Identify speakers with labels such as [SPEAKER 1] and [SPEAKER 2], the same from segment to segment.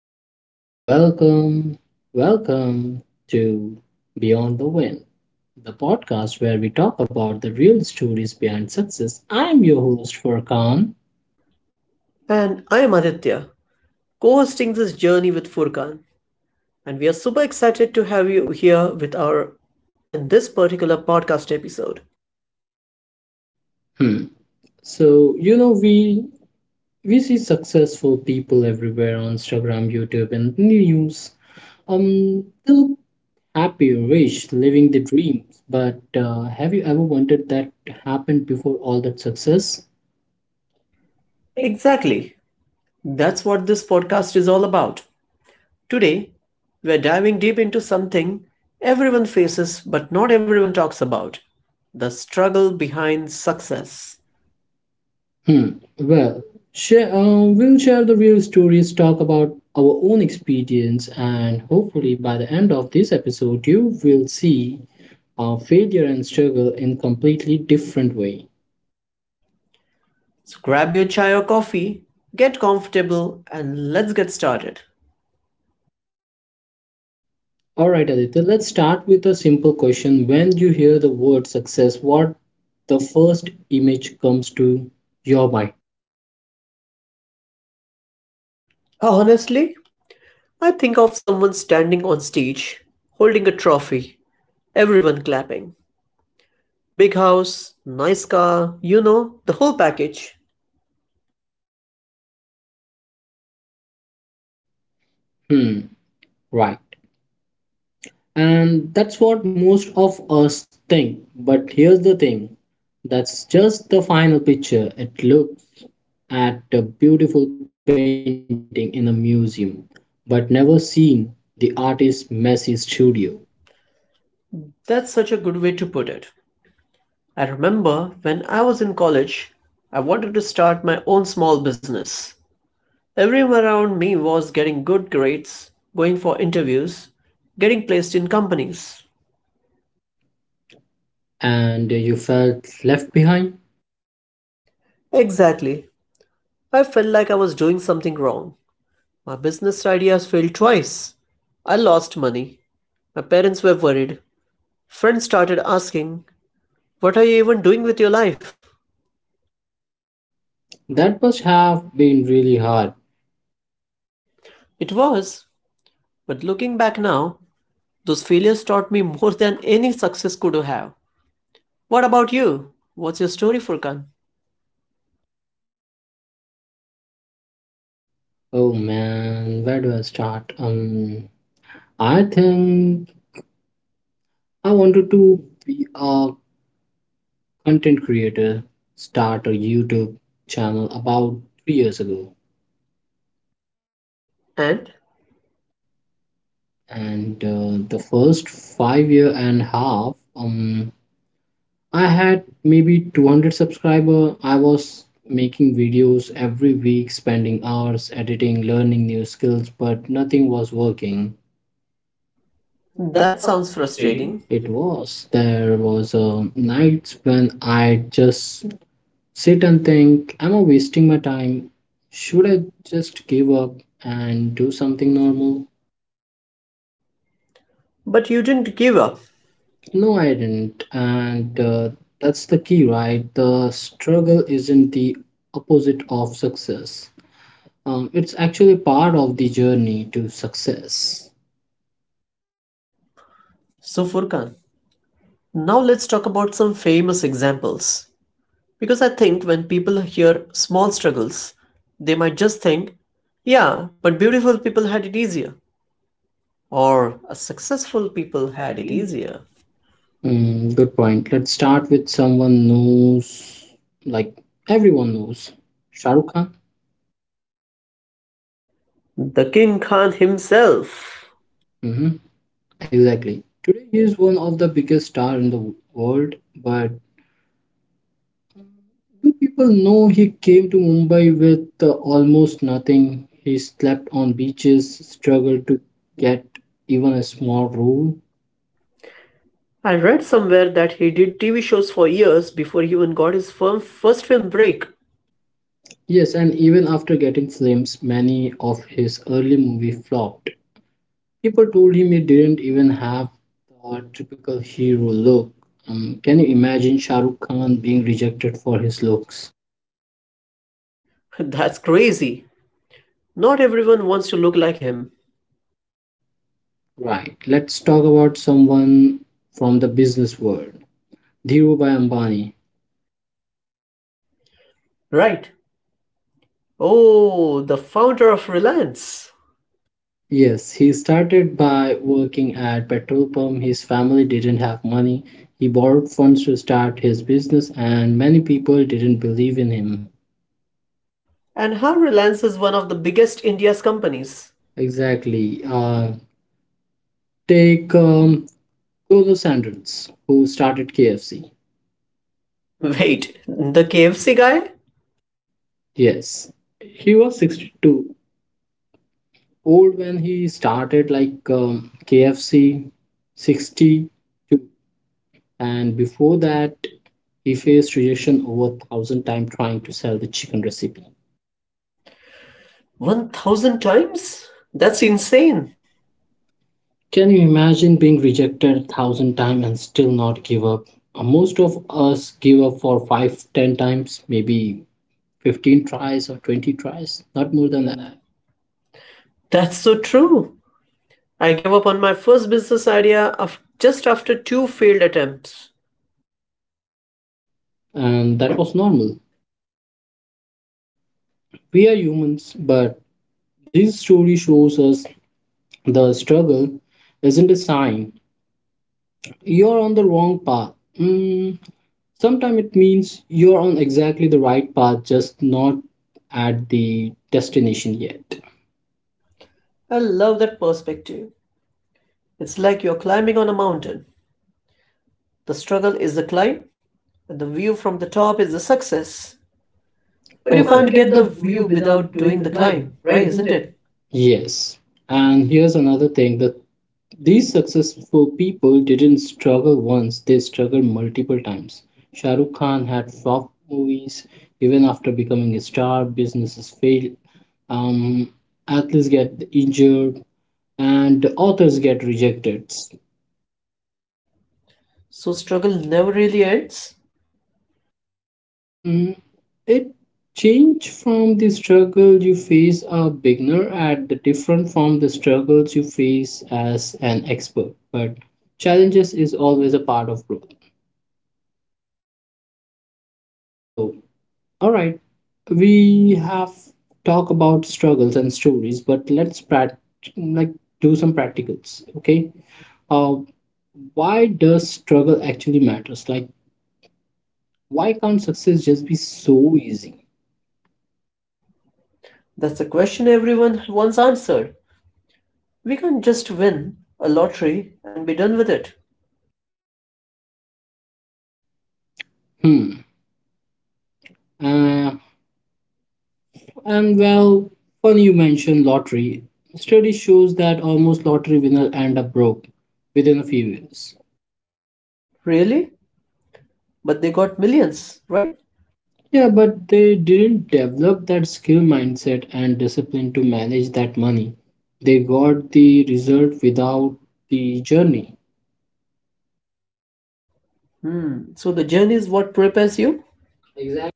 [SPEAKER 1] Welcome, welcome, welcome to Beyond the Win, the podcast where we talk about the real stories behind success. I'm your host, Furkan.
[SPEAKER 2] And I am Aditya, co hosting this journey with Furkan. And we are super excited to have you here with our in this particular podcast episode.
[SPEAKER 1] Hmm. So we see successful people everywhere on Instagram, YouTube, and the news. They look happy, rich, living the dreams. But have you ever wondered that happened before all that success?
[SPEAKER 2] Exactly. That's what this podcast is all about. Today, we're diving deep into something everyone faces but not everyone talks about the struggle behind success.
[SPEAKER 1] Hmm. Well, we'll share the real stories, talk about our own experience, and hopefully by the end of this episode, you will see failure and struggle in completely different way.
[SPEAKER 2] So grab your chai or coffee, get comfortable, and let's get started.
[SPEAKER 1] All right, Aditya, let's start with a simple question. When you hear the word success, what the first image comes to your mind?
[SPEAKER 2] Honestly, I think of someone standing on stage, holding a trophy, everyone clapping. Big house, nice car, the whole package.
[SPEAKER 1] Hmm. Right. And that's what most of us think. But here's the thing, that's just the final picture. It looks at a beautiful painting in a museum, but never seen the artist's messy studio.
[SPEAKER 2] That's such a good way to put it. I remember when I was in college, I wanted to start my own small business. Everyone around me was getting good grades, going for interviews, getting placed in companies.
[SPEAKER 1] And you felt left behind?
[SPEAKER 2] Exactly. I felt like I was doing something wrong. My business ideas failed twice. I lost money. My parents were worried. Friends started asking, what are you even doing with your life?
[SPEAKER 1] That must have been really hard.
[SPEAKER 2] It was, but looking back now, those failures taught me more than any success could have. What about you? What's your story, Furkan?
[SPEAKER 1] Oh man, where do I start? I think I wanted to be a content creator, start a YouTube channel about 3 years ago.
[SPEAKER 2] And
[SPEAKER 1] And the first 5 year and a half, I had maybe 200 subscriber. I was making videos every week, spending hours editing, learning new skills, but nothing was working.
[SPEAKER 2] that
[SPEAKER 1] That sounds
[SPEAKER 2] sounds
[SPEAKER 1] frustrating.
[SPEAKER 2] frustrating,
[SPEAKER 1] It was. There was a nights when I just sit and think, am I wasting my time? Should I just give up and do something normal?
[SPEAKER 2] but you didn't give up.
[SPEAKER 1] No, I didn't. And that's the key, right? The struggle isn't the opposite of success, it's actually part of the journey to success.
[SPEAKER 2] So, Furkan, now let's talk about some famous examples. Because I think when people hear small struggles, they might just think, yeah, but beautiful people had it easier, or a successful
[SPEAKER 1] People
[SPEAKER 2] people
[SPEAKER 1] who had
[SPEAKER 2] had
[SPEAKER 1] it
[SPEAKER 2] it
[SPEAKER 1] easier.
[SPEAKER 2] easier.
[SPEAKER 1] Mm, good point. Let's start with someone knows, like everyone knows, Shahrukh Khan.
[SPEAKER 2] The King Khan himself.
[SPEAKER 1] Mhm. Exactly. Today he is one of the biggest star in the world, but do people know he came to Mumbai with almost nothing? He slept on beaches, struggled to get even a small room.
[SPEAKER 2] I read somewhere that he did TV shows for years before he even got his firm first film break.
[SPEAKER 1] Yes, and even after getting films, many of his early movie flopped. People told him he didn't even have the typical hero look. Can you imagine Shah Rukh Khan being rejected for his looks?
[SPEAKER 2] That's crazy. Not everyone wants to look like him.
[SPEAKER 1] Right. Let's talk about someone from the business world. Dhirubhai Ambani.
[SPEAKER 2] Right. Oh, the founder of Reliance.
[SPEAKER 1] Yes, he started by working at petrol pump. His family didn't have money. He borrowed funds to start his business and many people didn't believe in him.
[SPEAKER 2] And how Reliance is one of the biggest India's companies.
[SPEAKER 1] Exactly.
[SPEAKER 2] Exactly.
[SPEAKER 1] Take Golo Sanders, who started KFC. Right.
[SPEAKER 2] Wait,
[SPEAKER 1] The
[SPEAKER 2] the
[SPEAKER 1] KFC.
[SPEAKER 2] KFC guy?
[SPEAKER 1] Yes. He was 62 old when he started like KFC, 62, and before that he faced rejection over 1000 times trying to sell the chicken recipe.
[SPEAKER 2] 1000 times? That's insane.
[SPEAKER 1] Can you imagine being rejected 1000 times and still not give up? Most of us give up for 5, 10 times, maybe 15 tries or 20 tries, not more
[SPEAKER 2] More
[SPEAKER 1] than
[SPEAKER 2] than
[SPEAKER 1] that.
[SPEAKER 2] that. That's so true. I gave up on my first business idea just after two failed attempts.
[SPEAKER 1] And that was normal. We are humans, but this story shows us the struggle isn't a sign you're on the wrong path. Mm, sometimes it means you're on exactly the right path, just not at the destination yet.
[SPEAKER 2] I love that perspective. It's like you're climbing on a mountain. The struggle is the climb, and the view from the top is the success.
[SPEAKER 1] But
[SPEAKER 2] But you
[SPEAKER 1] you can't Perfect.
[SPEAKER 2] can't
[SPEAKER 1] Get
[SPEAKER 2] get the
[SPEAKER 1] the view
[SPEAKER 2] view
[SPEAKER 1] without
[SPEAKER 2] without
[SPEAKER 1] doing
[SPEAKER 2] doing
[SPEAKER 1] the
[SPEAKER 2] the
[SPEAKER 1] climb,
[SPEAKER 2] climb,
[SPEAKER 1] right?
[SPEAKER 2] right?
[SPEAKER 1] Isn't
[SPEAKER 2] Isn't
[SPEAKER 1] it?
[SPEAKER 2] it?
[SPEAKER 1] Yes. And here's another thing that these successful people didn't struggle once, they struggled multiple times. Shah Rukh Khan had flop movies even after becoming a star, businesses failed, um, athletes get injured, and authors get rejected.
[SPEAKER 2] So, struggle never really ends?
[SPEAKER 1] Mm, it change from the struggle you face a beginner at the different from the struggles you face as an expert. But challenges is always a part of growth. So, all right, we have talk about struggles and stories, but let's like do some practicals. Okay, uh, why does struggle actually matters? Like, why can't success just be so easy?
[SPEAKER 2] That's the question everyone once answered. We can't just win a lottery and be done with it.
[SPEAKER 1] Hmm. Uh, and funny you mentioned lottery. Study shows that almost lottery winner end up broke within a few years.
[SPEAKER 2] Really? But they got millions, right?
[SPEAKER 1] Yeah, but they didn't develop that skill mindset and discipline to manage that money. They got the result without the journey.
[SPEAKER 2] Hmm. So the journey is what prepares you? Exactly.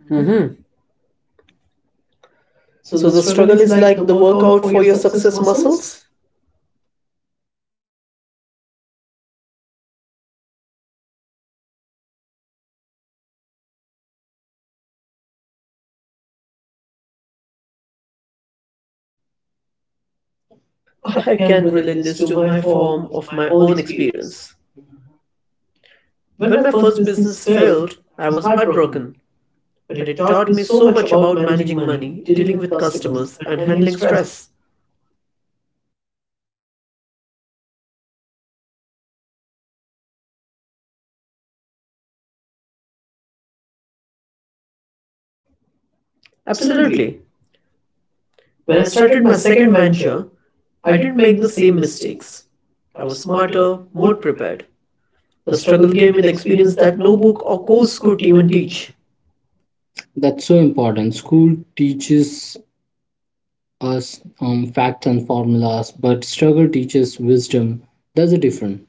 [SPEAKER 1] Mhm.
[SPEAKER 2] Mm-hmm.
[SPEAKER 1] So the
[SPEAKER 2] So the
[SPEAKER 1] struggle
[SPEAKER 2] struggle
[SPEAKER 1] is
[SPEAKER 2] is
[SPEAKER 1] like the
[SPEAKER 2] like the
[SPEAKER 1] workout
[SPEAKER 2] workout
[SPEAKER 1] for
[SPEAKER 2] for
[SPEAKER 1] your
[SPEAKER 2] your
[SPEAKER 1] success
[SPEAKER 2] success
[SPEAKER 1] muscles.
[SPEAKER 2] muscles?
[SPEAKER 1] I
[SPEAKER 2] I
[SPEAKER 1] can
[SPEAKER 2] can
[SPEAKER 1] relate
[SPEAKER 2] relate
[SPEAKER 1] this
[SPEAKER 2] this
[SPEAKER 1] to
[SPEAKER 2] to
[SPEAKER 1] my
[SPEAKER 2] my
[SPEAKER 1] form
[SPEAKER 2] form
[SPEAKER 1] of
[SPEAKER 2] of
[SPEAKER 1] my
[SPEAKER 2] my
[SPEAKER 1] own
[SPEAKER 2] own
[SPEAKER 1] experience.
[SPEAKER 2] experience.
[SPEAKER 1] When
[SPEAKER 2] When
[SPEAKER 1] my
[SPEAKER 2] my
[SPEAKER 1] first
[SPEAKER 2] first
[SPEAKER 1] business
[SPEAKER 2] business
[SPEAKER 1] failed,
[SPEAKER 2] failed,
[SPEAKER 1] I
[SPEAKER 2] I
[SPEAKER 1] was
[SPEAKER 2] was
[SPEAKER 1] heartbroken.
[SPEAKER 2] heartbroken,
[SPEAKER 1] But
[SPEAKER 2] but
[SPEAKER 1] it
[SPEAKER 2] it
[SPEAKER 1] taught
[SPEAKER 2] taught
[SPEAKER 1] me
[SPEAKER 2] me
[SPEAKER 1] so
[SPEAKER 2] so
[SPEAKER 1] much
[SPEAKER 2] much
[SPEAKER 1] about
[SPEAKER 2] about
[SPEAKER 1] managing
[SPEAKER 2] managing
[SPEAKER 1] money,
[SPEAKER 2] money,
[SPEAKER 1] dealing
[SPEAKER 2] dealing
[SPEAKER 1] with
[SPEAKER 2] with
[SPEAKER 1] customers,
[SPEAKER 2] customers,
[SPEAKER 1] and
[SPEAKER 2] and
[SPEAKER 1] handling
[SPEAKER 2] handling
[SPEAKER 1] stress.
[SPEAKER 2] stress.
[SPEAKER 1] Absolutely.
[SPEAKER 2] Absolutely.
[SPEAKER 1] When I
[SPEAKER 2] When I
[SPEAKER 1] started
[SPEAKER 2] started
[SPEAKER 1] my
[SPEAKER 2] my
[SPEAKER 1] second
[SPEAKER 2] second
[SPEAKER 1] venture,
[SPEAKER 2] venture,
[SPEAKER 1] I
[SPEAKER 2] I
[SPEAKER 1] didn't
[SPEAKER 2] didn't
[SPEAKER 1] make the
[SPEAKER 2] make the
[SPEAKER 1] same
[SPEAKER 2] same
[SPEAKER 1] mistakes.
[SPEAKER 2] mistakes.
[SPEAKER 1] I
[SPEAKER 2] I
[SPEAKER 1] was
[SPEAKER 2] was
[SPEAKER 1] smarter,
[SPEAKER 2] smarter,
[SPEAKER 1] more
[SPEAKER 2] more
[SPEAKER 1] prepared.
[SPEAKER 2] prepared.
[SPEAKER 1] The
[SPEAKER 2] The
[SPEAKER 1] struggle
[SPEAKER 2] struggle
[SPEAKER 1] gave me
[SPEAKER 2] gave me
[SPEAKER 1] the
[SPEAKER 2] the
[SPEAKER 1] experience
[SPEAKER 2] experience
[SPEAKER 1] that
[SPEAKER 2] that
[SPEAKER 1] no
[SPEAKER 2] no
[SPEAKER 1] book
[SPEAKER 2] book
[SPEAKER 1] or
[SPEAKER 2] or
[SPEAKER 1] course
[SPEAKER 2] course
[SPEAKER 1] could
[SPEAKER 2] could
[SPEAKER 1] even
[SPEAKER 2] even
[SPEAKER 1] teach.
[SPEAKER 2] teach.
[SPEAKER 1] That's so important. School teaches us facts and formulas, but struggle teaches wisdom. That's a different.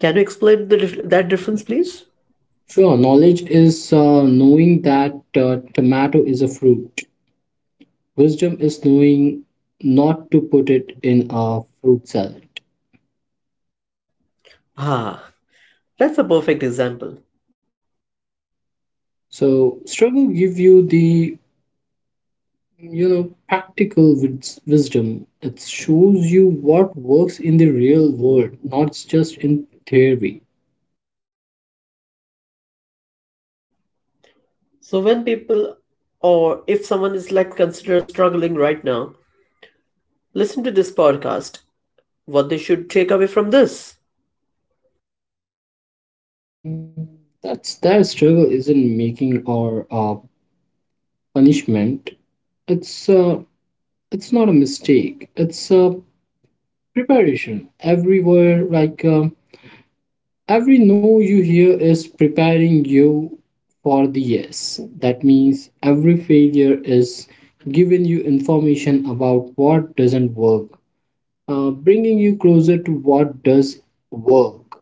[SPEAKER 2] Can you explain
[SPEAKER 1] And
[SPEAKER 2] that
[SPEAKER 1] difference
[SPEAKER 2] difference,
[SPEAKER 1] things.
[SPEAKER 2] please?
[SPEAKER 1] Sure, knowledge is knowing that tomato is a fruit. Wisdom is knowing not to put it in a fruit salad.
[SPEAKER 2] Ah, that's a perfect example.
[SPEAKER 1] So struggle give you the you know practical wisdom. It shows you what works in the real world, not just in theory.
[SPEAKER 2] So, when people or if someone is like considered struggling right now, listen to this podcast. What they should take away from this?
[SPEAKER 1] Mm, that's that struggle isn't making or punishment. It's uh, it's not a mistake. It's a preparation. Every no you hear is preparing you for the yes. That means every failure is giving you information about what doesn't work, bringing you closer to what does work.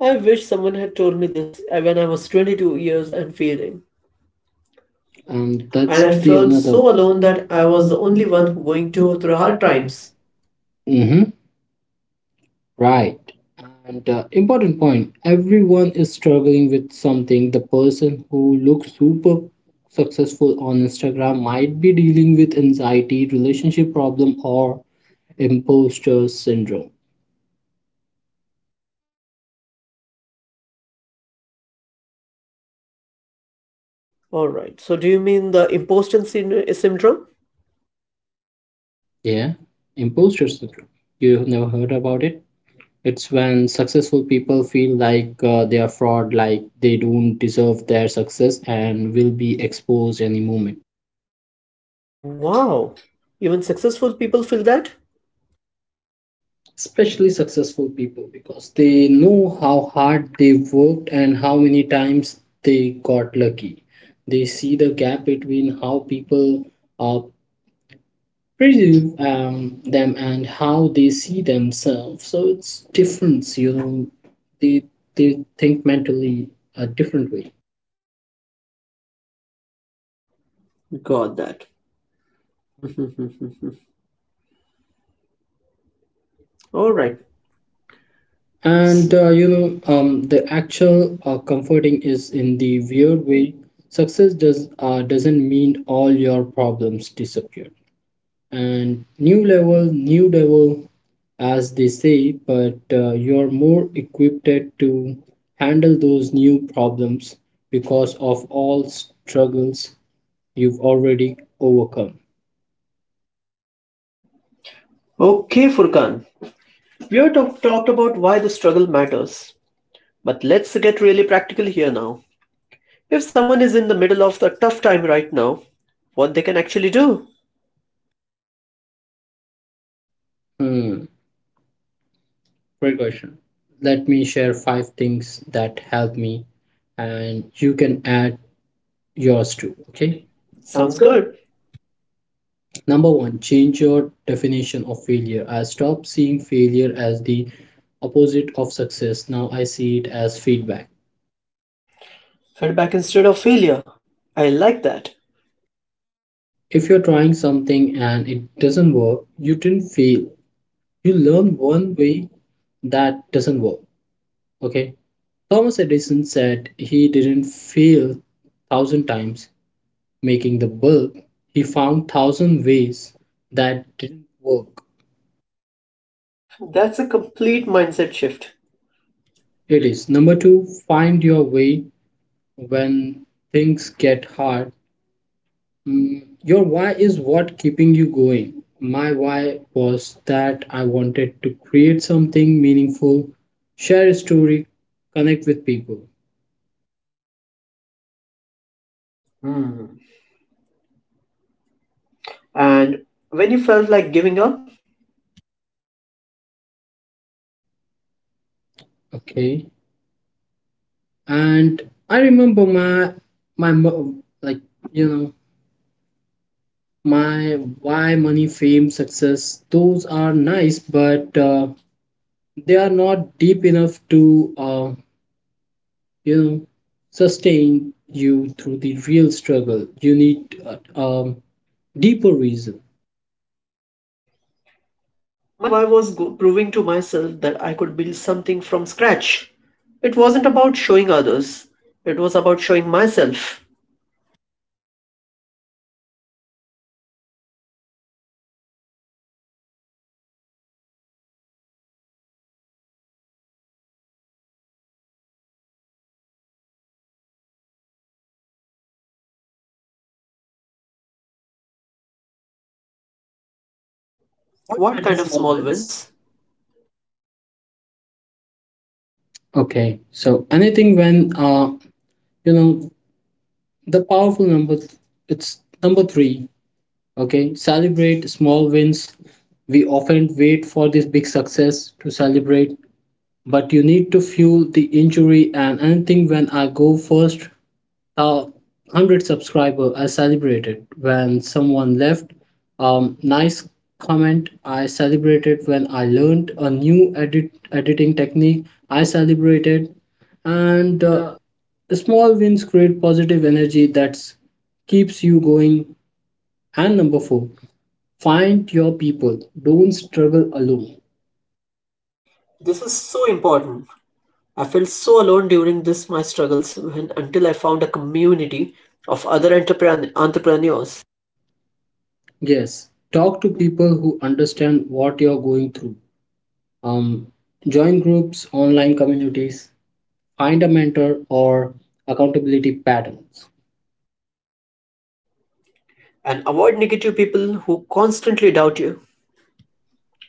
[SPEAKER 2] I wish someone had told me this when I was 22 years and failing. And
[SPEAKER 1] And
[SPEAKER 2] and
[SPEAKER 1] that's And I
[SPEAKER 2] that's I
[SPEAKER 1] the felt
[SPEAKER 2] felt
[SPEAKER 1] another.
[SPEAKER 2] another.
[SPEAKER 1] So
[SPEAKER 2] So
[SPEAKER 1] alone
[SPEAKER 2] alone
[SPEAKER 1] that
[SPEAKER 2] that
[SPEAKER 1] I
[SPEAKER 2] I
[SPEAKER 1] was
[SPEAKER 2] was the
[SPEAKER 1] the only
[SPEAKER 2] only one
[SPEAKER 1] one
[SPEAKER 2] who
[SPEAKER 1] going
[SPEAKER 2] going
[SPEAKER 1] to
[SPEAKER 2] to
[SPEAKER 1] through
[SPEAKER 2] through
[SPEAKER 1] hard
[SPEAKER 2] hard times.
[SPEAKER 1] times. Right. And important point everyone is struggling with something. The person who looks super successful on Instagram might be dealing with anxiety, relationship problem, or imposter syndrome.
[SPEAKER 2] All right. So do you mean the syndrome?
[SPEAKER 1] Yeah, imposter syndrome. You have never heard about it? It's when successful people feel like they are fraud, like they don't deserve their success and will be exposed any moment.
[SPEAKER 2] Wow. Even successful people feel that?
[SPEAKER 1] Especially successful people because they know how hard they worked and how many times they got lucky. They see the gap between how people uh, perceive them and how they see themselves, so it's difference, you know, they they think mentally a different way.
[SPEAKER 2] Got that.
[SPEAKER 1] All
[SPEAKER 2] All
[SPEAKER 1] right.
[SPEAKER 2] right.
[SPEAKER 1] and
[SPEAKER 2] And
[SPEAKER 1] uh, you
[SPEAKER 2] you know,
[SPEAKER 1] know, um, the actual comforting is in the weird way. Success doesn't mean all your problems disappear. And new level, new devil, as they say, but you're more equipped to handle those new problems because of all struggles you've already overcome.
[SPEAKER 2] okay, Furkan. We have talked about why the struggle matters. But let's get really practical here now. If someone is in the middle of a tough time right now, what they can actually do?
[SPEAKER 1] Hmm, great question. Let me share five things that help me, and you can add yours too, okay?
[SPEAKER 2] Okay.
[SPEAKER 1] Sounds
[SPEAKER 2] Sounds
[SPEAKER 1] good.
[SPEAKER 2] good.
[SPEAKER 1] Number one, change your definition of failure. I stopped seeing failure as the opposite of success. Now I see it as feedback.
[SPEAKER 2] Feedback instead of failure. I like that.
[SPEAKER 1] If you're trying something and it doesn't work, you didn't fail. You learn one way that doesn't work. Okay. Thomas Edison said he didn't fail thousand times making the bulb. He found thousand ways that didn't work.
[SPEAKER 2] That's a complete mindset shift.
[SPEAKER 1] It is number two, find your way when things get hard. Mm, your why is what keeping you going. My why was that I wanted to create something meaningful, share a story, connect with people.
[SPEAKER 2] Hmm. And when you felt like giving up,
[SPEAKER 1] Okay, and I remember my my mo- like you know my why. Money, fame, success, those are nice, but they are not deep enough to you know sustain you through the real struggle. You need a um, deeper reason.
[SPEAKER 2] my why was proving to myself that I could build something from scratch. It wasn't about showing others, it was about showing myself.
[SPEAKER 1] What
[SPEAKER 2] What
[SPEAKER 1] kind
[SPEAKER 2] kind
[SPEAKER 1] of
[SPEAKER 2] of
[SPEAKER 1] small
[SPEAKER 2] small
[SPEAKER 1] wins?
[SPEAKER 2] wins?
[SPEAKER 1] Okay, so anything when uh you know the powerful number, it's number three. Okay, celebrate small wins. We often wait for this big success to celebrate, but you need to fuel the injury and anything when I go first uh, 100 subscriber, I celebrated when someone left nice comment, I celebrated when I learned a new editing technique, I celebrated. and
[SPEAKER 2] And
[SPEAKER 1] uh, the small wins create positive energy that keeps you going. And number 4, find your people. Don't struggle alone.
[SPEAKER 2] this is so important. I felt so alone during this my struggles when until I found a community of other entrepreneurs
[SPEAKER 1] Yes, talk to people who understand what you're going through. Um, Join groups, online communities, find a mentor or accountability patterns.
[SPEAKER 2] and avoid negative people who constantly doubt you.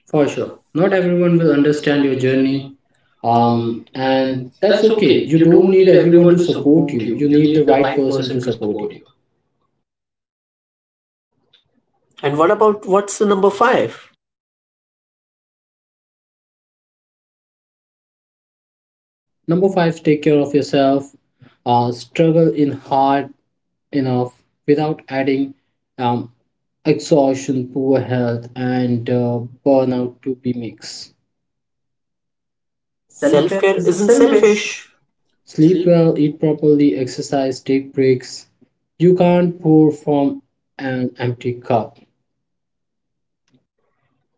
[SPEAKER 1] For
[SPEAKER 2] For
[SPEAKER 1] sure.
[SPEAKER 2] sure.
[SPEAKER 1] Not
[SPEAKER 2] Not
[SPEAKER 1] everyone
[SPEAKER 2] everyone
[SPEAKER 1] will
[SPEAKER 2] will
[SPEAKER 1] understand
[SPEAKER 2] understand
[SPEAKER 1] your
[SPEAKER 2] your
[SPEAKER 1] journey.
[SPEAKER 2] journey.
[SPEAKER 1] Um, and
[SPEAKER 2] And
[SPEAKER 1] that's
[SPEAKER 2] that's
[SPEAKER 1] okay.
[SPEAKER 2] okay.
[SPEAKER 1] You
[SPEAKER 2] You
[SPEAKER 1] don't
[SPEAKER 2] don't
[SPEAKER 1] need
[SPEAKER 2] need
[SPEAKER 1] everyone to
[SPEAKER 2] everyone to
[SPEAKER 1] support
[SPEAKER 2] support
[SPEAKER 1] you.
[SPEAKER 2] you.
[SPEAKER 1] You
[SPEAKER 2] You
[SPEAKER 1] need
[SPEAKER 2] need
[SPEAKER 1] the
[SPEAKER 2] the
[SPEAKER 1] right
[SPEAKER 2] right
[SPEAKER 1] person to
[SPEAKER 2] person to
[SPEAKER 1] support
[SPEAKER 2] support
[SPEAKER 1] you.
[SPEAKER 2] you. And what about what's the number five?
[SPEAKER 1] Number five, take care of yourself. Struggle in hard enough without adding um, exhaustion, poor health, and burnout to be mixed. Self
[SPEAKER 2] Self
[SPEAKER 1] care
[SPEAKER 2] care
[SPEAKER 1] isn't
[SPEAKER 2] isn't
[SPEAKER 1] selfish.
[SPEAKER 2] selfish.
[SPEAKER 1] Sleep
[SPEAKER 2] Sleep.
[SPEAKER 1] well, eat properly, exercise, take breaks. You can't pour from an empty cup.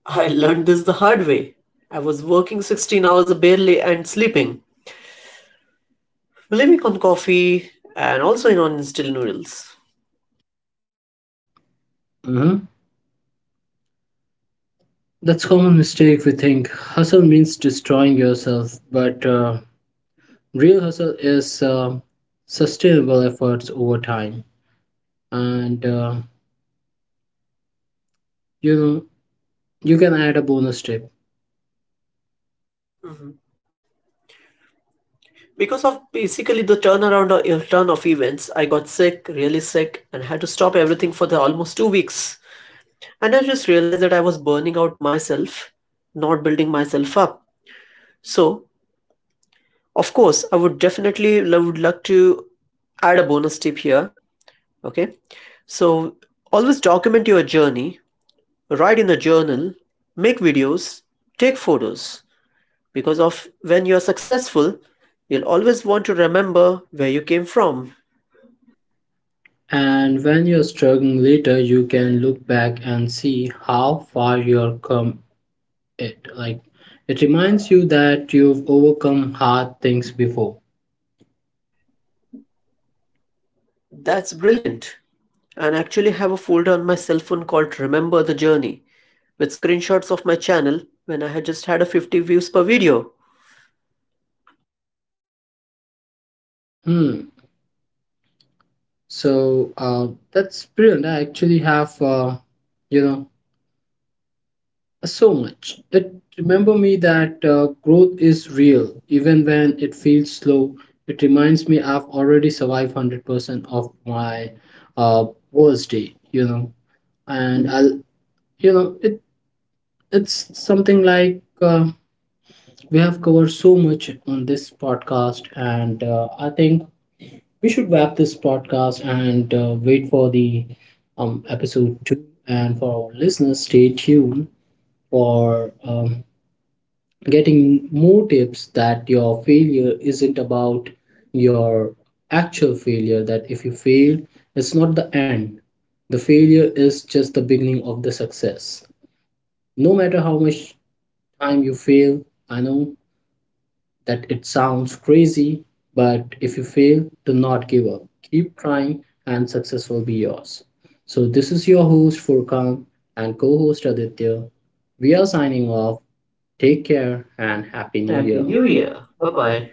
[SPEAKER 2] I learned this the hard way. I was working 16 hours barely and sleeping, living on coffee and also in on instant noodles.
[SPEAKER 1] Uh huh. That's common mistake. We think hustle means destroying yourself, but real hustle is sustainable efforts over time. And you know you can add a bonus tip.
[SPEAKER 2] Because of basically the turnaround or turn of events, I got sick, really sick, and had to stop everything for the almost 2 weeks. And I just realized that I was burning out myself, not building myself up. So, of course, I would definitely would like to add a bonus tip here. Okay, so always document your journey, write in a journal, make videos, take photos. Because of when you are successful, you'll always want to remember where you came from.
[SPEAKER 1] And when you're struggling later you can look back and see how far you have come. It like it reminds you that you've overcome hard things before.
[SPEAKER 2] That's brilliant. And I actually have a folder on my cell phone called Remember the Journey with screenshots of my channel when I had just had a 50 views per video.
[SPEAKER 1] Hmm, so that's brilliant. I actually have uh, you know so much. It remember me that growth is real, even when it feels slow. It reminds me I've already survived 100% of my uh, worst day, you know, and I'll, you know, it it's something like we have covered so much on this podcast, and I think we should wrap this podcast and wait for the episode 2. And for our listeners, stay tuned for getting more tips that your failure isn't about your actual failure. That if you fail, it's not the end. The failure is just the beginning of the success, no matter how much time you fail. I know that it sounds crazy, but if you fail, do not give up. Keep trying and success will be yours. So this is your host, Furkan, and co-host Aditya. We are signing off. Take care and Happy New Year. Happy
[SPEAKER 2] Happy
[SPEAKER 1] New
[SPEAKER 2] New
[SPEAKER 1] Year.
[SPEAKER 2] Year.
[SPEAKER 1] Bye
[SPEAKER 2] Bye
[SPEAKER 1] bye.
[SPEAKER 2] bye.